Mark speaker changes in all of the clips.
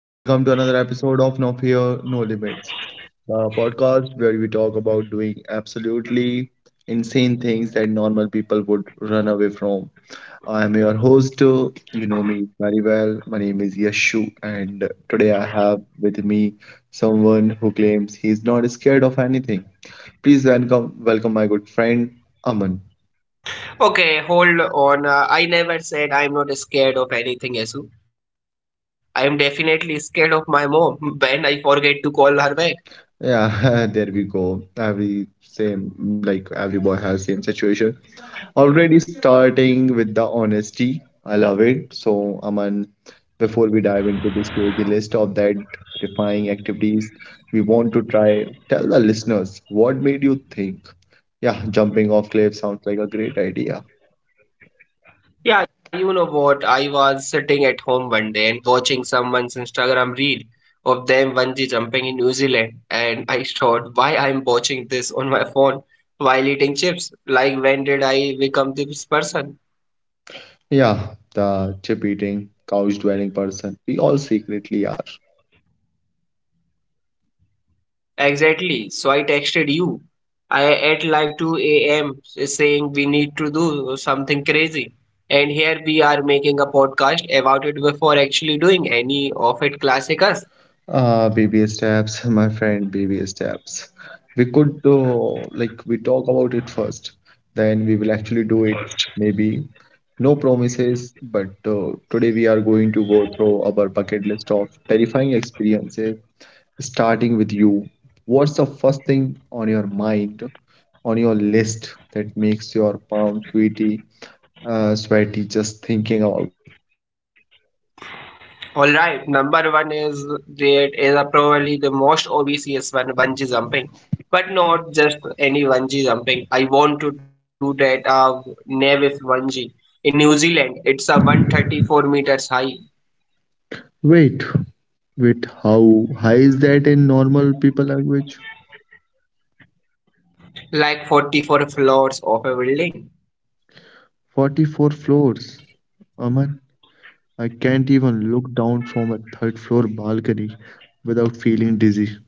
Speaker 1: welcome to another episode of No Fear, No Limits, the podcast where we talk about doing absolutely insane things that normal people would run away from. I'm your host, you know me very well. My name is Yashu, and today I have with me someone who claims he's not scared of anything. Please welcome, welcome my good friend Aman.
Speaker 2: Okay, hold on. I never said I'm not scared of anything, Yasu. I am definitely scared of my mom when I forget to call her back.
Speaker 1: Yeah, there we go. Every same, like every boy has same situation. Already starting with the honesty. I love it. So, Aman, before we dive into this crazy list of that defying activities, we want to try tell the listeners what made you think. Yeah, jumping off cliff sounds like a great idea.
Speaker 2: Yeah, you know what? I was sitting at home one day and watching someone's Instagram reel of them bungee jumping in New Zealand, and I thought, why I'm watching this on my phone while eating chips? Like, when did I become this person?
Speaker 1: Yeah, the chip eating, couch dwelling person we all secretly are.
Speaker 2: Exactly. So I texted you. I at like 2 a.m. saying we need to do something crazy. And here we are making a podcast about it before actually doing any of it, classic us.
Speaker 1: Baby steps, my friend, baby steps. We could do like we talk about it first, then we will actually do it. Maybe no promises, but today we are going to go through our bucket list of terrifying experiences, starting with you. What's the first thing on your mind, on your list that makes your palm sweaty, sweaty just thinking about it?
Speaker 2: Alright, number one is that is a probably the most obvious one, bungee jumping. But not just any bungee jumping. I want to do that Nevis bungee. In New Zealand, it's a 134 meters high,
Speaker 1: Wait, wait, how high is that in normal people language?
Speaker 2: like 44 floors of a building.
Speaker 1: 44 floors. Aman, I can't even look down from a third floor balcony without feeling dizzy.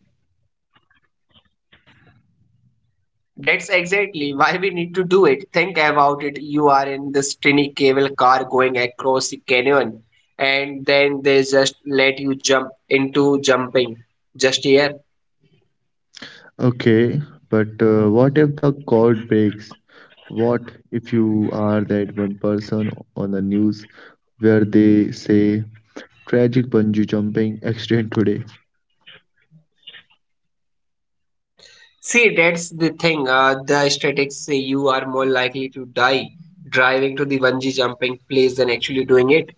Speaker 2: That's exactly why we need to do it. Think about it. You are in this tiny cable car going across the canyon, and then they just let you jump into jumping just here.
Speaker 1: Okay, but what if the cord breaks? What if you are that one person on the news where they say tragic bungee jumping accident today?
Speaker 2: See, that's the thing. The statistics say you are more likely to die driving to the bungee jumping place than actually doing it.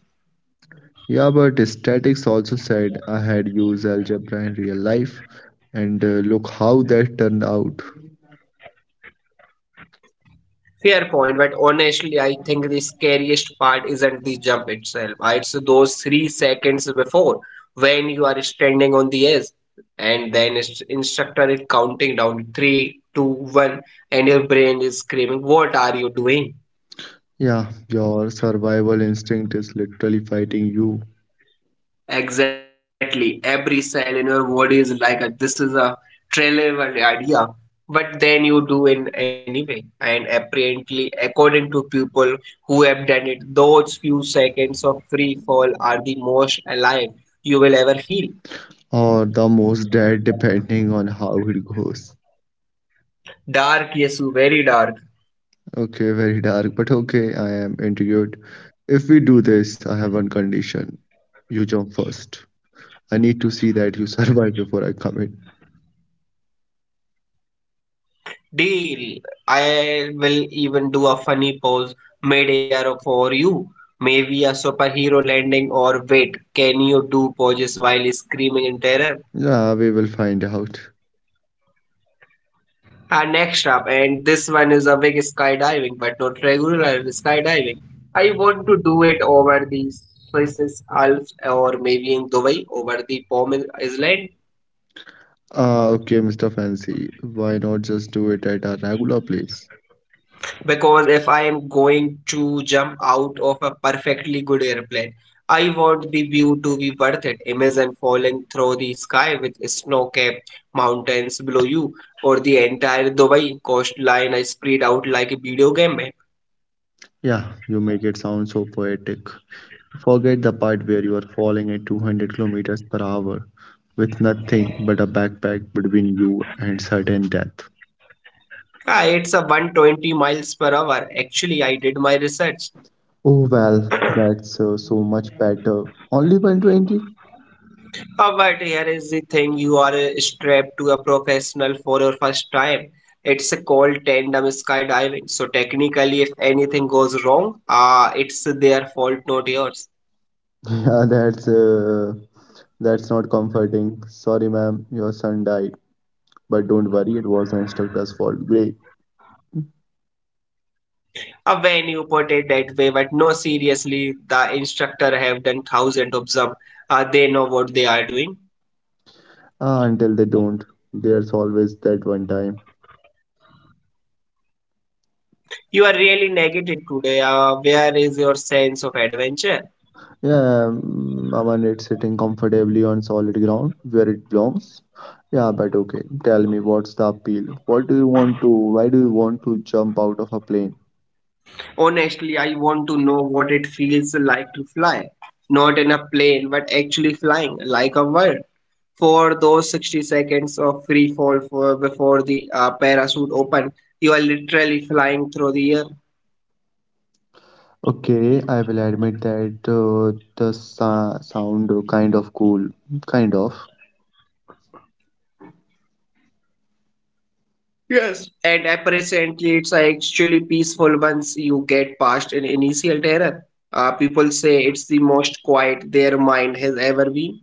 Speaker 1: Yeah, but statics also said I had used algebra in real life, and look how that turned out.
Speaker 2: Fair point, but honestly, I think the scariest part isn't the jump itself. It's those three seconds before when you are standing on the edge, and then its instructor is counting down three, two, one, and your brain is screaming, "What are you doing?"
Speaker 1: Yeah, your survival instinct is literally fighting you
Speaker 2: Exactly. Every cell in your body is like a this is a trivial idea, but then you do in anyway. And apparently, according to people who have done it, those few seconds of free fall are the most alive you will ever feel.
Speaker 1: or the most dead, depending on how it goes.
Speaker 2: Dark, yes, very dark.
Speaker 1: Okay, very dark, but okay, I am intrigued. If we do this, I have one condition. You jump first. I need to see that you survive before I come in.
Speaker 2: Deal. I will even do a funny pose mid-air for you. Maybe a superhero landing or wait, can you do poses while screaming in terror?
Speaker 1: Yeah, we will find out.
Speaker 2: And next up, and this one is a big, skydiving, but not regular skydiving. I want to do it over the Swiss Alps or maybe in Dubai over the Palm Island,
Speaker 1: Ah, okay, Mr. Fancy, why not just do it at a regular place?
Speaker 2: because if I am going to jump out of a perfectly good airplane, I want the view to be worth it. Imagine falling through the sky with snow-capped mountains below you or the entire Dubai coastline spread out like a video game. Man.
Speaker 1: Yeah, you make it sound so poetic. Forget the part where you are falling at 200 kilometers per hour with nothing but a backpack between you and certain death.
Speaker 2: Ah, it's a 120 miles per hour. Actually, I did my research.
Speaker 1: Oh well, that's so much better. Only 120?
Speaker 2: Ah, but here is the thing, you are strapped to a professional for your first time. It's called tandem skydiving. So, technically, if anything goes wrong, ah, it's their fault, not yours.
Speaker 1: Yeah, that's not comforting. Sorry, ma'am, your son died. But don't worry, it was an instructor's fault. Great.
Speaker 2: Ah, when you put it that way, but no, seriously, the instructor have done thousands of them. Ah, they know what they are doing.
Speaker 1: Ah, until they don't, there's always that one time.
Speaker 2: You are really negative today. Ah, where is your sense of adventure?
Speaker 1: Yeah, I want it sitting comfortably on solid ground where it belongs. Yeah, but okay. Tell me, what's the appeal? What do you want to? Why do you want to jump out of a plane?
Speaker 2: Honestly, I want to know what it feels like to fly. Not in a plane, but actually flying like a bird. For those 60 seconds of free fall for, before the parachute open, you are literally flying through the air.
Speaker 1: Okay, I will admit that the sa sound kind of cool, kind of.
Speaker 2: Yes. And apparently, it's actually peaceful once you get past an initial terror. People say it's the most quiet their mind has ever been.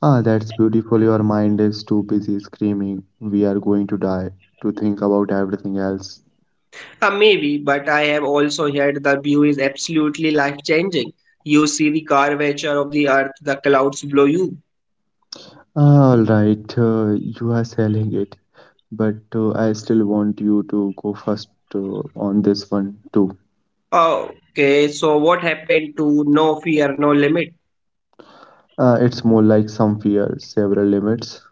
Speaker 1: Ah, that's beautiful. Your mind is too busy screaming, we are going to die, to think about everything else.
Speaker 2: Maybe, but I have also heard the view is absolutely life changing. You see the curvature of the earth, the clouds below you.
Speaker 1: Ah, all right, you are selling it, but I still want you to go first on this one too.
Speaker 2: Okay, so what happened to no fear, no limit?
Speaker 1: It's more like some fear, several limits.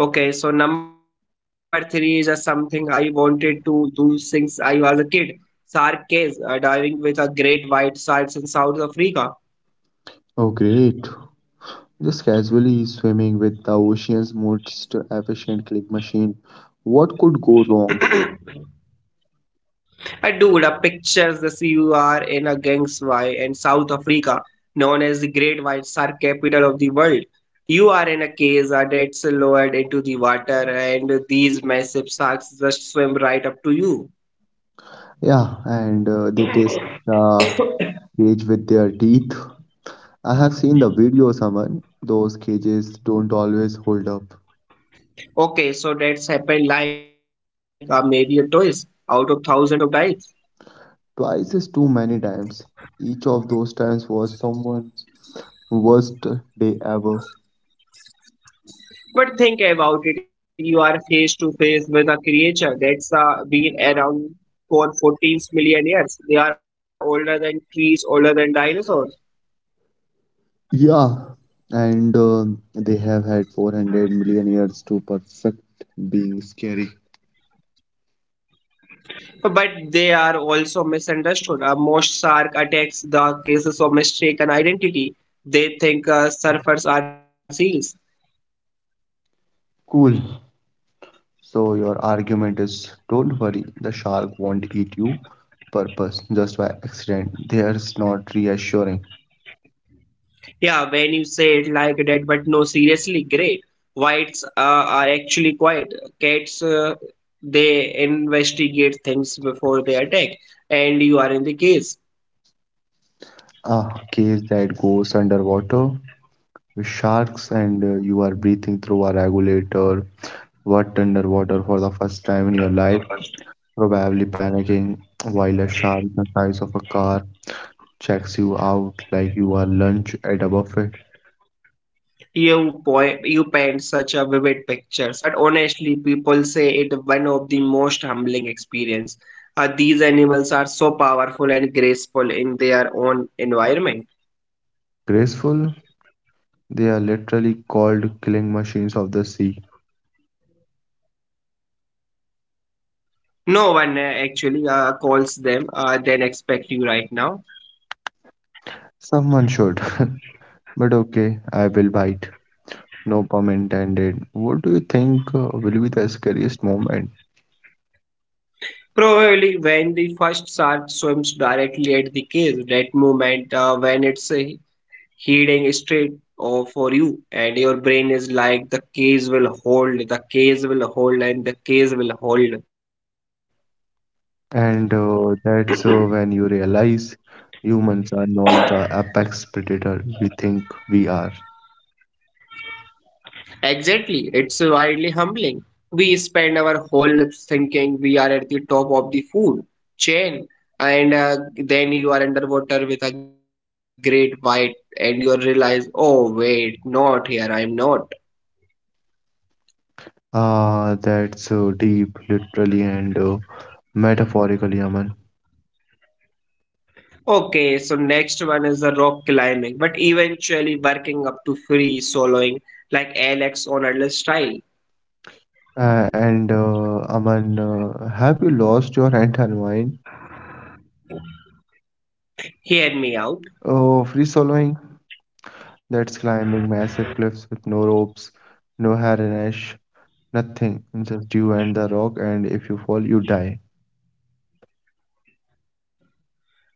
Speaker 2: Okay, so number three is just something I wanted to do since I was a kid. Shark case, diving with a great white sharks in South Africa.
Speaker 1: Oh, great. Just casually swimming with the ocean's most efficient click machine. What could go wrong?
Speaker 2: I do the pictures the CUR in a Gangswai in South Africa, known as the Great White Shark capital of the world. You are in a cage that's lowered into the water, and these massive sharks just swim right up to you.
Speaker 1: Yeah, and they test the cage with their teeth. I have seen the video, someone. Those cages don't always hold up.
Speaker 2: Okay, so that's happened like maybe a twice out of thousands of dives.
Speaker 1: Twice is too many times. Each of those times was someone's worst day ever.
Speaker 2: But think about it, you are face to face with a creature that's been around for 14 million years. They are older than trees, older than dinosaurs.
Speaker 1: Yeah, and they have had 400 million years to perfect being scary.
Speaker 2: But they are also misunderstood. Most shark attacks the cases of mistaken identity. They think surfers are seals.
Speaker 1: Cool. So your argument is, don't worry, the shark won't eat you. Purpose, just by accident. There's not reassuring.
Speaker 2: Yeah, when you say it like that, but no, seriously, great. Whites are actually quiet. Cats, they investigate things before they attack, and you are in the case.
Speaker 1: A case that goes underwater with sharks, and you are breathing through a regulator, what underwater for the first time in your life, probably panicking while a shark the size of a car checks you out like you are lunch at a buffet.
Speaker 2: You point, you paint such a vivid pictures, but honestly, people say it one of the most humbling experience. These animals are so powerful and graceful in their own environment.
Speaker 1: Graceful, they are literally called killing machines of the sea.
Speaker 2: No one actually calls them than expect you right now.
Speaker 1: Someone should. But okay, I will bite. No pun intended. What do you think will be the scariest moment?
Speaker 2: Probably when the first shark swims directly at the cage, that moment when it's heading straight or for you and your brain is like the cage will hold the cage will hold and the cage will hold
Speaker 1: And that's when you realize humans are not the apex predator we think we are.
Speaker 2: Exactly, it's wildly humbling. We spend our whole lives thinking we are at the top of the food chain, and then you are underwater with a great bite, and you realize, oh, wait, not here, I'm not.
Speaker 1: Ah, that's deep, literally and metaphorically, Aman.
Speaker 2: Okay, so next one is the rock climbing, but eventually working up to free soloing like Alex on Adler style.
Speaker 1: And Aman, have you lost your entire mind?
Speaker 2: Hear me out.
Speaker 1: Oh, free soloing? That's climbing massive cliffs with no ropes, no harness, nothing, just you and the rock, and if you fall, you die.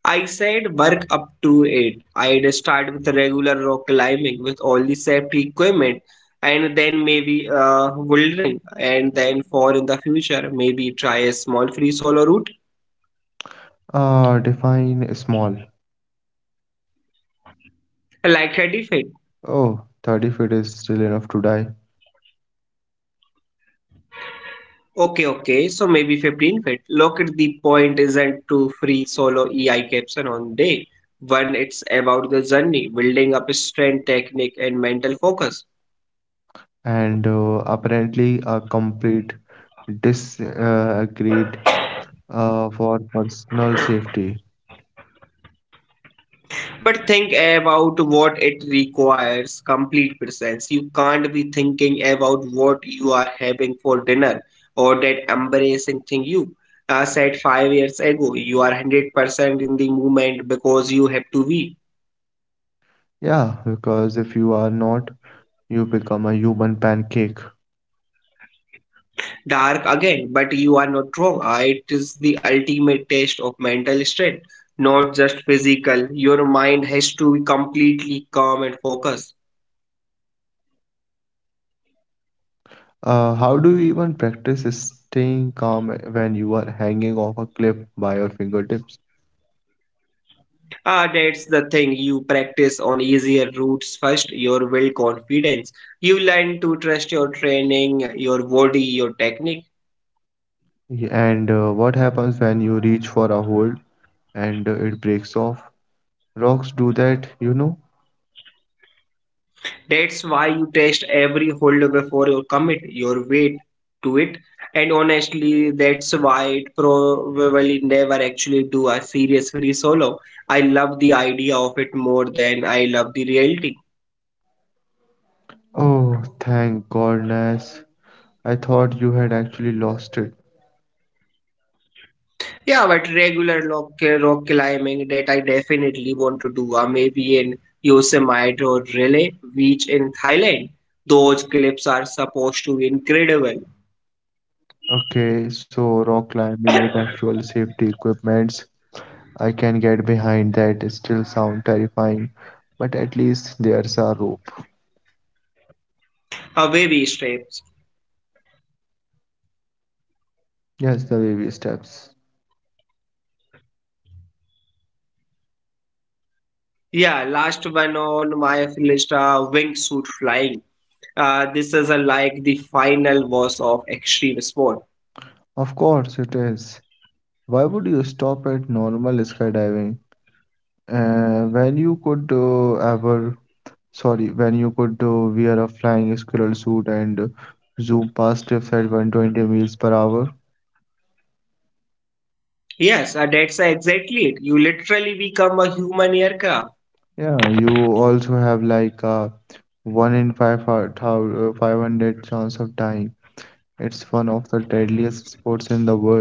Speaker 2: I said work up to it. I'd start with regular rock climbing with all the safety equipment and then maybe bouldering and then for in the future maybe try a small free solo route
Speaker 1: Ah, define small.
Speaker 2: like 30 feet.
Speaker 1: Oh, 30 feet is still enough to die.
Speaker 2: Okay, okay, so maybe 15 feet. Look at the point isn't to free solo EI caption on day. One, it's about the journey, building up strength, technique, and mental focus.
Speaker 1: And apparently, a complete disagreed for personal safety.
Speaker 2: But think about what it requires, complete presence. You can't be thinking about what you are having for dinner or that embarrassing thing you said five years ago. You are 100% in the moment because you have to be.
Speaker 1: Yeah, because if you are not, you become a human pancake.
Speaker 2: Dark again, but you are not wrong. It is the ultimate test of mental strength, not just physical. Your mind has to be completely calm and focused.
Speaker 1: How do you even practice staying calm when you are hanging off a cliff by your fingertips?
Speaker 2: Ah, that's the thing. You practice on easier routes first, your will confidence. You learn to trust your training, your body, your technique.
Speaker 1: Y- And what happens when you reach for a hold and it breaks off. Rocks do that, you know?
Speaker 2: That's why you test every hold before you commit your weight to it. And honestly, that's why it probably never actually do a serious free solo. I love the idea of it more than I love the reality.
Speaker 1: Oh, thank goodness. I thought you had actually lost it.
Speaker 2: Yeah, but regular rock climbing that I definitely want to do, or maybe in Yosemite or Relay Beach in Thailand. Those clips are supposed to be incredible.
Speaker 1: Okay, so rock climbing with actual safety equipments. I can get behind that. Still sound terrifying, but at least there's a rope.
Speaker 2: A baby steps.
Speaker 1: Yes, the baby steps.
Speaker 2: Yeah, last one on my list, wingsuit flying. This is a, like the final boss of extreme sport.
Speaker 1: Of course it is. Why would you stop at normal skydiving? Uh, when you could uh, ever when you could wear a flying squirrel suit and zoom past cliffs at 120 miles per hour.
Speaker 2: Yes, that's exactly it. You literally become a human aircraft.
Speaker 1: Yeah, you also have like a 1 in 500 chance of dying. It's one of the deadliest sports in the world.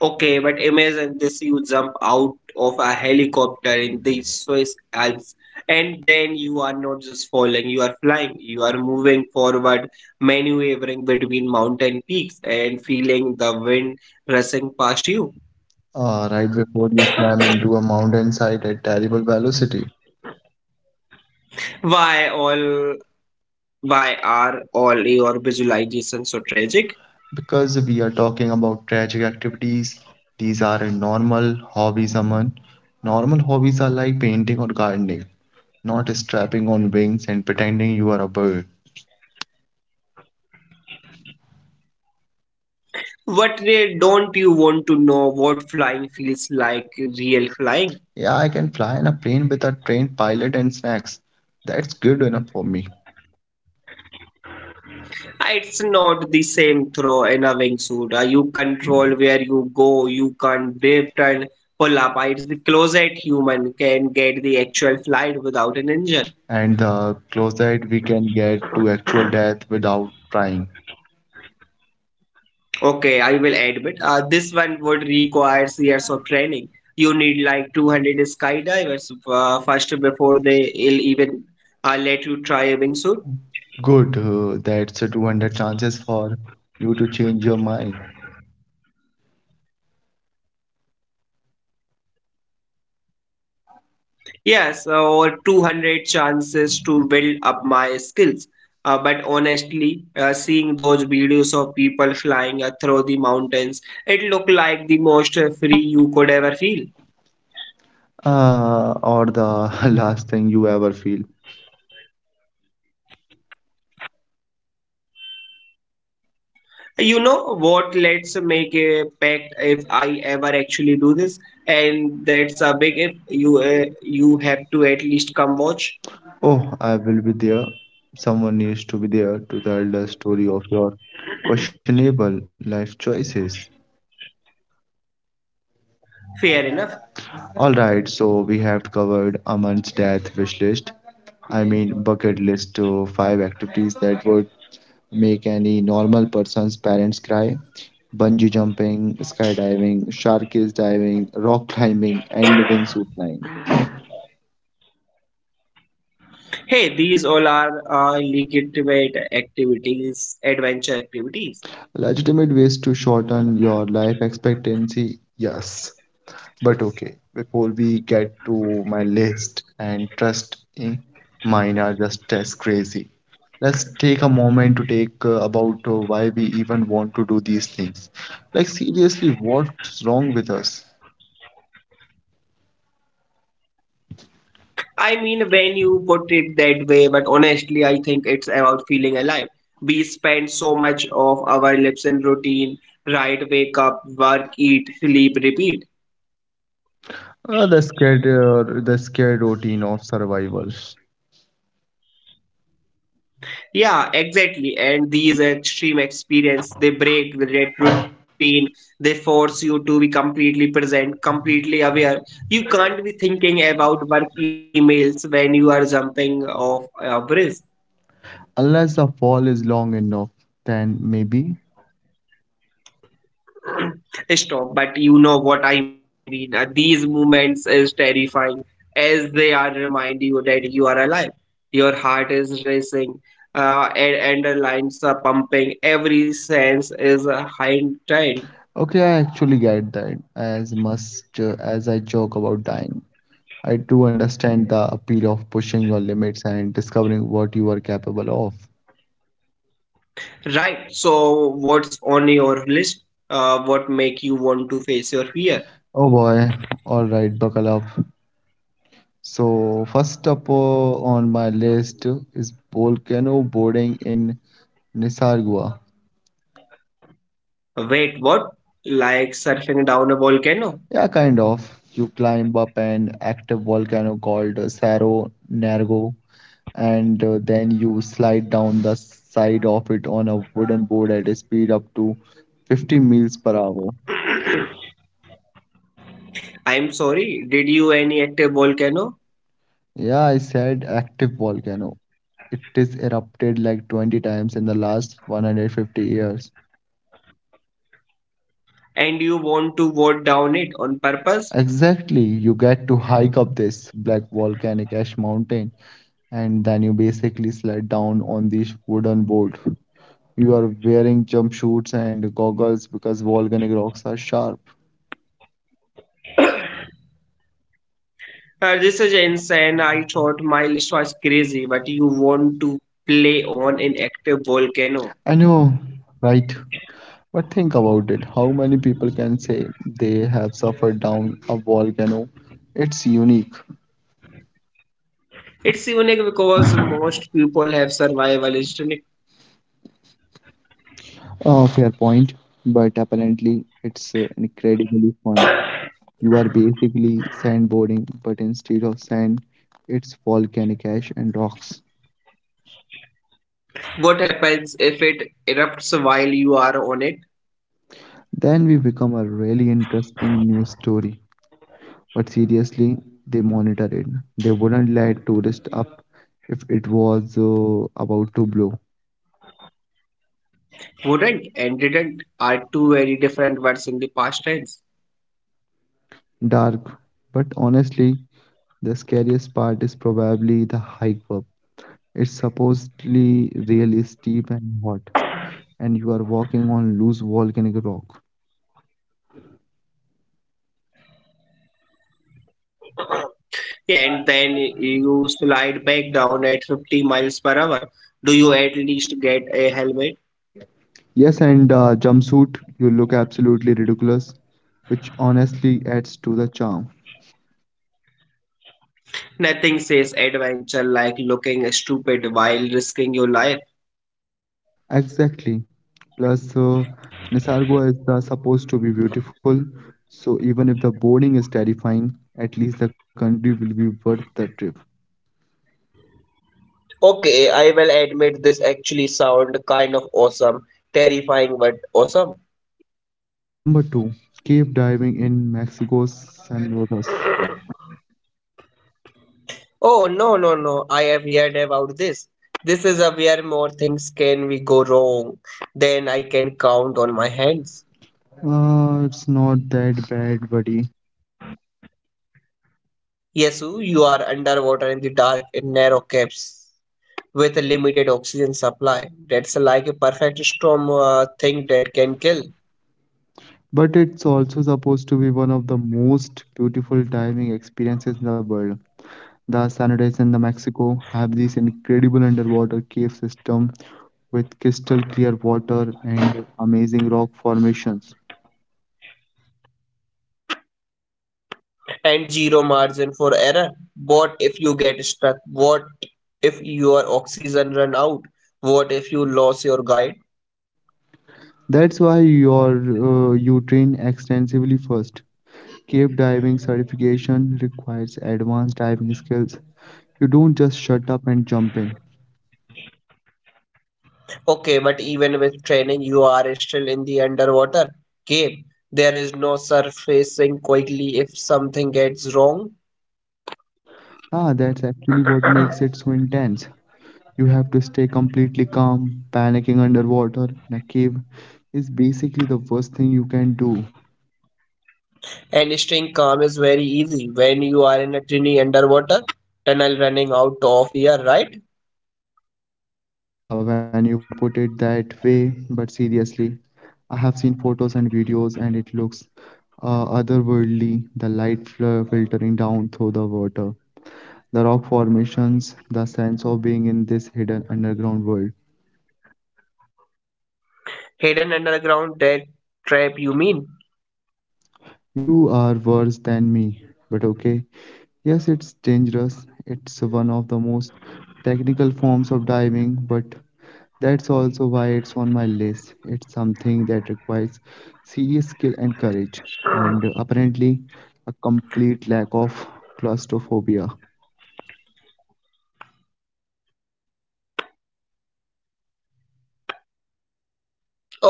Speaker 2: Okay, but imagine this, you jump out of a helicopter in the Swiss Alps, and then you are not just falling, you are flying, you are moving forward, maneuvering between mountain peaks and feeling the wind rushing past you.
Speaker 1: Right before you slam into a mountainside at terrible velocity.
Speaker 2: Why all why are all your visualizations so tragic?
Speaker 1: Because we are talking about tragic activities, these aren't normal hobbies, Aman. Normal hobbies are like painting or gardening, not strapping on wings and pretending you are a bird.
Speaker 2: What re- don't you want to know what flying feels like, real flying?
Speaker 1: Yeah, I can fly in a plane with a trained pilot and snacks. That's good enough for me.
Speaker 2: Ah, it's not the same throw in a wingsuit. You control where you go, you can't drift and pull up. It's the closest human can get the actual flight without an engine.
Speaker 1: And the closer we can get to actual death without trying.
Speaker 2: Okay, I will admit, this one would require years of training. You need like 200 skydivers first before they'll even let you try a wingsuit.
Speaker 1: Good, that's a 200 chances for you to change your mind.
Speaker 2: Yes, over 200 chances to build up my skills. But honestly, seeing those videos of people flying through the mountains, it looked like the most free you could ever feel.
Speaker 1: Or the last thing you ever feel.
Speaker 2: You know what? Let's make a pact, if I ever actually do this, and that's a big if. You have to at least come watch.
Speaker 1: Oh, I will be there. Someone needs to be there to tell the story of your questionable life choices.
Speaker 2: Fair enough.
Speaker 1: All right, so we have covered Aman's death wish list. I mean, bucket list to five activities that would make any normal person's parents cry. Bungee jumping, skydiving, shark cage diving, rock climbing, and wingsuit flying.
Speaker 2: Hey, these all are legitimate activities, adventure activities.
Speaker 1: Legitimate ways to shorten your life expectancy, yes. But okay, before we get to my list, and trust me, mine are just as crazy. Let's take a moment to take about why we even want to do these things. Like seriously, what's wrong with us?
Speaker 2: I mean, when you put it that way, but honestly, I think it's about feeling alive. We spend so much of our lives in routine, right? Wake up, work, eat, sleep, repeat.
Speaker 1: Uh, the scared routine of survival.
Speaker 2: Yeah, exactly. And these extreme experience, they break the red routine. They force you to be completely present, completely aware. You can't be thinking about work emails when you are jumping off a bridge.
Speaker 1: Unless the fall is long enough, then maybe.
Speaker 2: Stop! But you know what I mean. These moments is terrifying as they are remind you that you are alive. Your heart is racing, and the lines are pumping. Every sense is heightened. Right.
Speaker 1: Okay, I actually get that as much as I joke about dying. I do understand the appeal of pushing your limits and discovering what you are capable of.
Speaker 2: So, what's on your list? What make you want to face your fear?
Speaker 1: Oh boy, all right, buckle up. So, first up on my list is volcano boarding in Nisargua.
Speaker 2: Wait, what? Like surfing down a volcano?
Speaker 1: Yeah, kind of. You climb up an active volcano called Cerro Nergo, and then you slide down the side of it on a wooden board at a speed up to 50 miles per hour.
Speaker 2: I'm sorry. Did you any active volcano?
Speaker 1: Yeah, I said active volcano. It is erupted like 20 times in the last 150 years.
Speaker 2: And you want to vote down it on purpose?
Speaker 1: Exactly, you get to hike up this black volcanic ash mountain and then you basically slide down on this wooden board. You are wearing jumpsuits and goggles because volcanic rocks are sharp.
Speaker 2: This is insane. I thought my list was crazy, but you want to play on an active volcano.
Speaker 1: I know, right? But think about it. How many people can say they have suffered down a volcano? It's unique.
Speaker 2: It's unique because most people have survival instinct.
Speaker 1: Oh, fair point. But apparently, it's incredibly fun. You are basically sandboarding, but instead of sand, it's volcanic ash and rocks.
Speaker 2: What happens if it erupts while you are on it?
Speaker 1: Then we become a really interesting news story. But seriously, they monitor it. They wouldn't let tourists up if it was about to blow.
Speaker 2: Wouldn't and didn't are two very different words in the past tense.
Speaker 1: Dark, but honestly, the scariest part is probably the hike up. It's supposedly really steep and hot, and you are walking on loose volcanic rock.
Speaker 2: Yeah, and then you slide back down at 50 miles per hour. Do you at least get a helmet?
Speaker 1: Yes, and jumpsuit, you look absolutely ridiculous, which honestly adds to the charm.
Speaker 2: Nothing says adventure like looking stupid while risking your life.
Speaker 1: Exactly. Plus, Nisargo is supposed to be beautiful, so even if the boarding is terrifying, at least the country will be worth the trip.
Speaker 2: Okay, I will admit this actually sound kind of awesome, terrifying but awesome.
Speaker 1: Number two, cave diving in Mexico's San Rodas.
Speaker 2: Oh, no, no, no, I have heard about this. This is a where more things can we go wrong than I can count on my hands.
Speaker 1: It's not that bad, buddy.
Speaker 2: Yesu, you are underwater in the dark in narrow caves with a limited oxygen supply. That's like a perfect storm thing that can kill.
Speaker 1: But it's also supposed to be one of the most beautiful diving experiences in the world. The Sanitas in the Mexico have this incredible underwater cave system with crystal clear water and amazing rock formations.
Speaker 2: And zero margin for error. What if you get stuck? What if your oxygen run out? What if you lose your guide?
Speaker 1: That's why you train extensively first. Cave diving certification requires advanced diving skills. You don't just shut up and jump in.
Speaker 2: Okay, but even with training, you are still in the underwater game. There is no surfacing quickly if something gets wrong.
Speaker 1: Ah, that's actually what makes it so intense. You have to stay completely calm. Panicking underwater in a cave is basically the worst thing you can do.
Speaker 2: And staying calm is very easy when you are in a tiny underwater tunnel running out of air, right?
Speaker 1: Yeah, when you put it that way, but seriously, I have seen photos and videos and it looks otherworldly, the light filtering down through the water, the rock formations, the sense of being in this hidden underground world.
Speaker 2: Hidden underground, that trap you mean?
Speaker 1: You are worse than me, but okay. Yes, it's dangerous. It's one of the most technical forms of diving, but that's also why it's on my list. It's something that requires serious skill and courage, and apparently a complete lack of claustrophobia.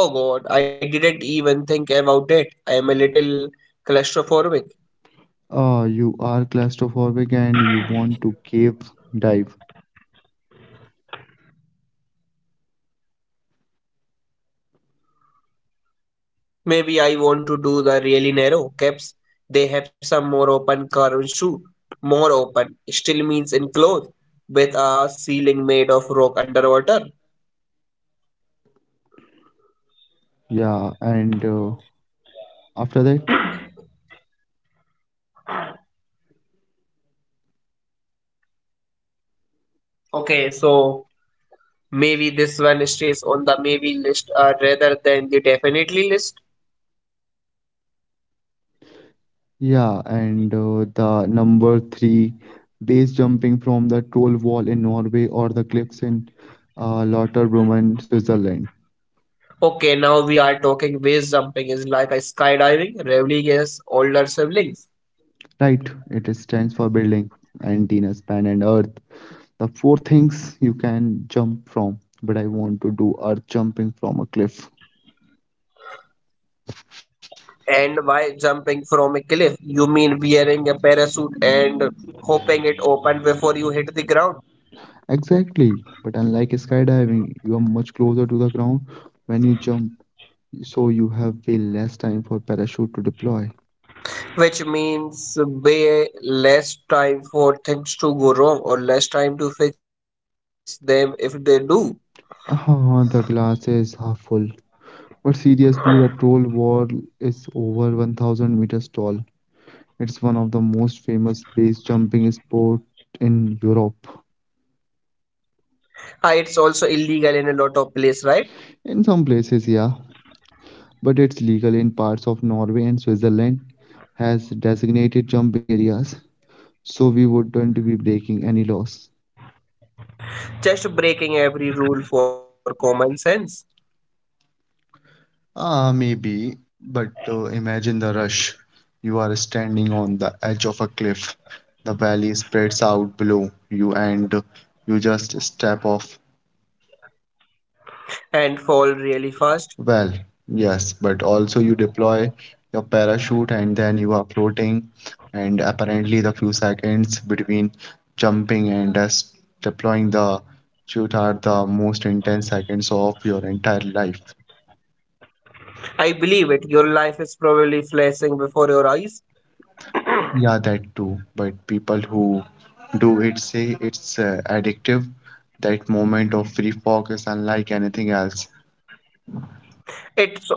Speaker 2: Oh God, I didn't even think about it. I am a little claustrophobic.
Speaker 1: Ah, you are claustrophobic and you want to cave dive.
Speaker 2: Maybe I want to do the really narrow caps. They have some more open curves too. More open still means enclosed with a ceiling made of rock underwater.
Speaker 1: Yeah, and after that,
Speaker 2: Okay, so maybe this one stays on the maybe list rather than the definitely list.
Speaker 1: yeah, and the number three, base jumping from the troll wall in Norway or the cliffs in Lauterbrunnen, Switzerland.
Speaker 2: Okay, now we are talking, base jumping is like a skydiving, Revling's older siblings.
Speaker 1: Right, it stands for building, antenna, span, and earth. The four things you can jump from, but I want to do are jumping from a cliff.
Speaker 2: And why jumping from a cliff? You mean wearing a parachute and hoping it open before you hit the ground,
Speaker 1: Exactly, but unlike skydiving, you are much closer to the ground when you jump, so you have way less time for parachute to deploy.
Speaker 2: which means way less time for things to go wrong or less time to fix them if they do.
Speaker 1: Ah, the glass is half full. But seriously, the troll wall is over 1000 meters tall. It's one of the most famous base jumping sport in Europe.
Speaker 2: Ah, it's also illegal in a lot of places, right?
Speaker 1: In some places, yeah, but it's legal in parts of Norway and Switzerland has designated jumping areas, so we wouldn't be breaking any laws.
Speaker 2: Just breaking every rule for common sense
Speaker 1: Ah, maybe, but imagine the rush. You are standing on the edge of a cliff. The valley spreads out below you, and you just step off.
Speaker 2: and fall really fast.
Speaker 1: Well, yes, but also you deploy your parachute and then you are floating, and apparently the few seconds between jumping and just deploying the chute are the most intense seconds of your entire life.
Speaker 2: I believe it. Your life is probably flashing before your eyes.
Speaker 1: Yeah, that too. But people who do it say it's addictive. That moment of free fall is unlike anything else.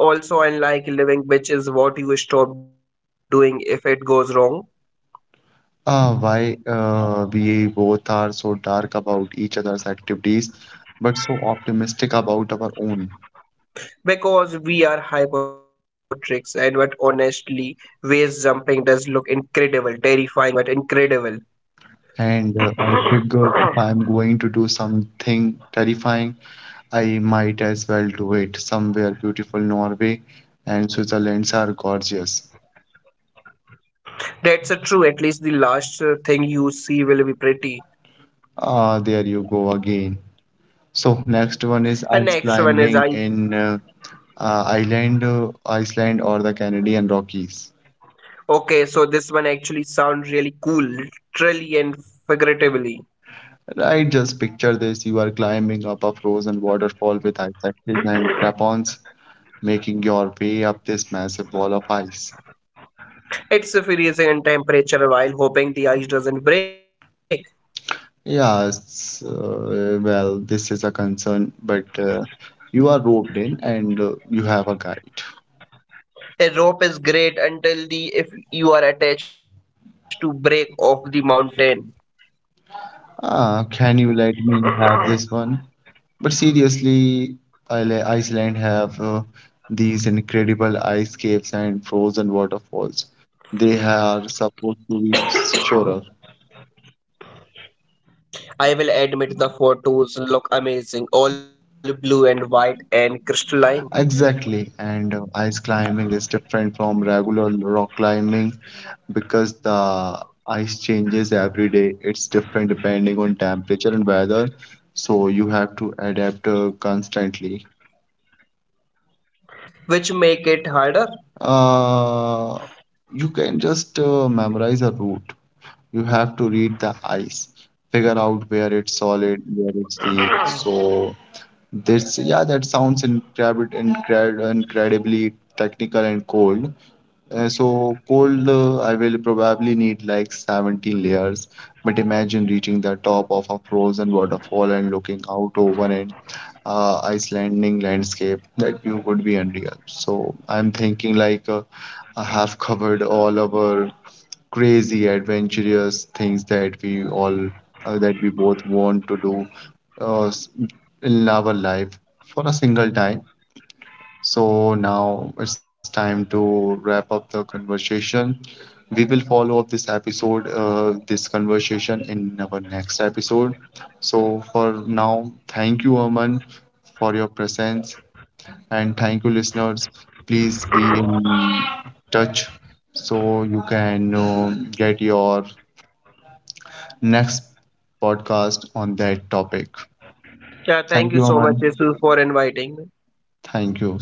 Speaker 2: It's also unlike living, which is what you stop doing if it goes wrong.
Speaker 1: Ah, why we both are so dark about each other's activities, but so optimistic about our own.
Speaker 2: Because we are hypotrics, and what honestly, waist jumping does look incredible, terrifying, but incredible.
Speaker 1: And I figure if I'm going to do something terrifying, I might as well do it somewhere beautiful. Norway and Switzerland's are gorgeous.
Speaker 2: That's a true, at least the last thing you see will be pretty.
Speaker 1: Ah, there you go again. So next one is
Speaker 2: And
Speaker 1: ice
Speaker 2: next one is
Speaker 1: climbing
Speaker 2: I.
Speaker 1: in Ireland, Iceland or the Canadian Rockies.
Speaker 2: Okay, so this one actually sounds really cool, literally and figuratively.
Speaker 1: Right, just picture this. You are climbing up a frozen waterfall with icicles and crapons, making your way up this massive wall of ice.
Speaker 2: It's freezing in temperature while hoping the ice doesn't break.
Speaker 1: Yes, well, this is a concern, but you are roped in and you have a guide.
Speaker 2: A rope is great until the if you are attached to break off the mountain.
Speaker 1: Ah, can you let me have this one? But seriously, Iceland have these incredible ice caves and frozen waterfalls. They are supposed to be sure.
Speaker 2: I will admit the photos look amazing, all blue and white and crystalline,
Speaker 1: Exactly, and ice climbing is different from regular rock climbing because the ice changes every day. It's different depending on temperature and weather, so you have to adapt constantly.
Speaker 2: which make it harder.
Speaker 1: Uh, you can just memorize a route. You have to read the ice, figure out where it's solid, where it's weak. So this, yeah, that sounds incredible, incredibly technical and cold. So cold, I will probably need like 17 layers. But imagine reaching the top of a frozen waterfall and looking out over an Icelandic landscape. That view would be unreal. So I'm thinking I have covered all our crazy, adventurous things that we all that we both want to do uh, s- in our life for a single time. So now it's time to wrap up the conversation. We will follow up this episode, this conversation in our next episode. So for now, thank you, Aman, for your presence, and thank you, listeners. Please be in touch so you can get your next podcast on that topic.
Speaker 2: Yeah, thank
Speaker 1: Thank
Speaker 2: you
Speaker 1: you,
Speaker 2: so much,
Speaker 1: Aman.
Speaker 2: Jesus, for inviting me.
Speaker 1: Thank you.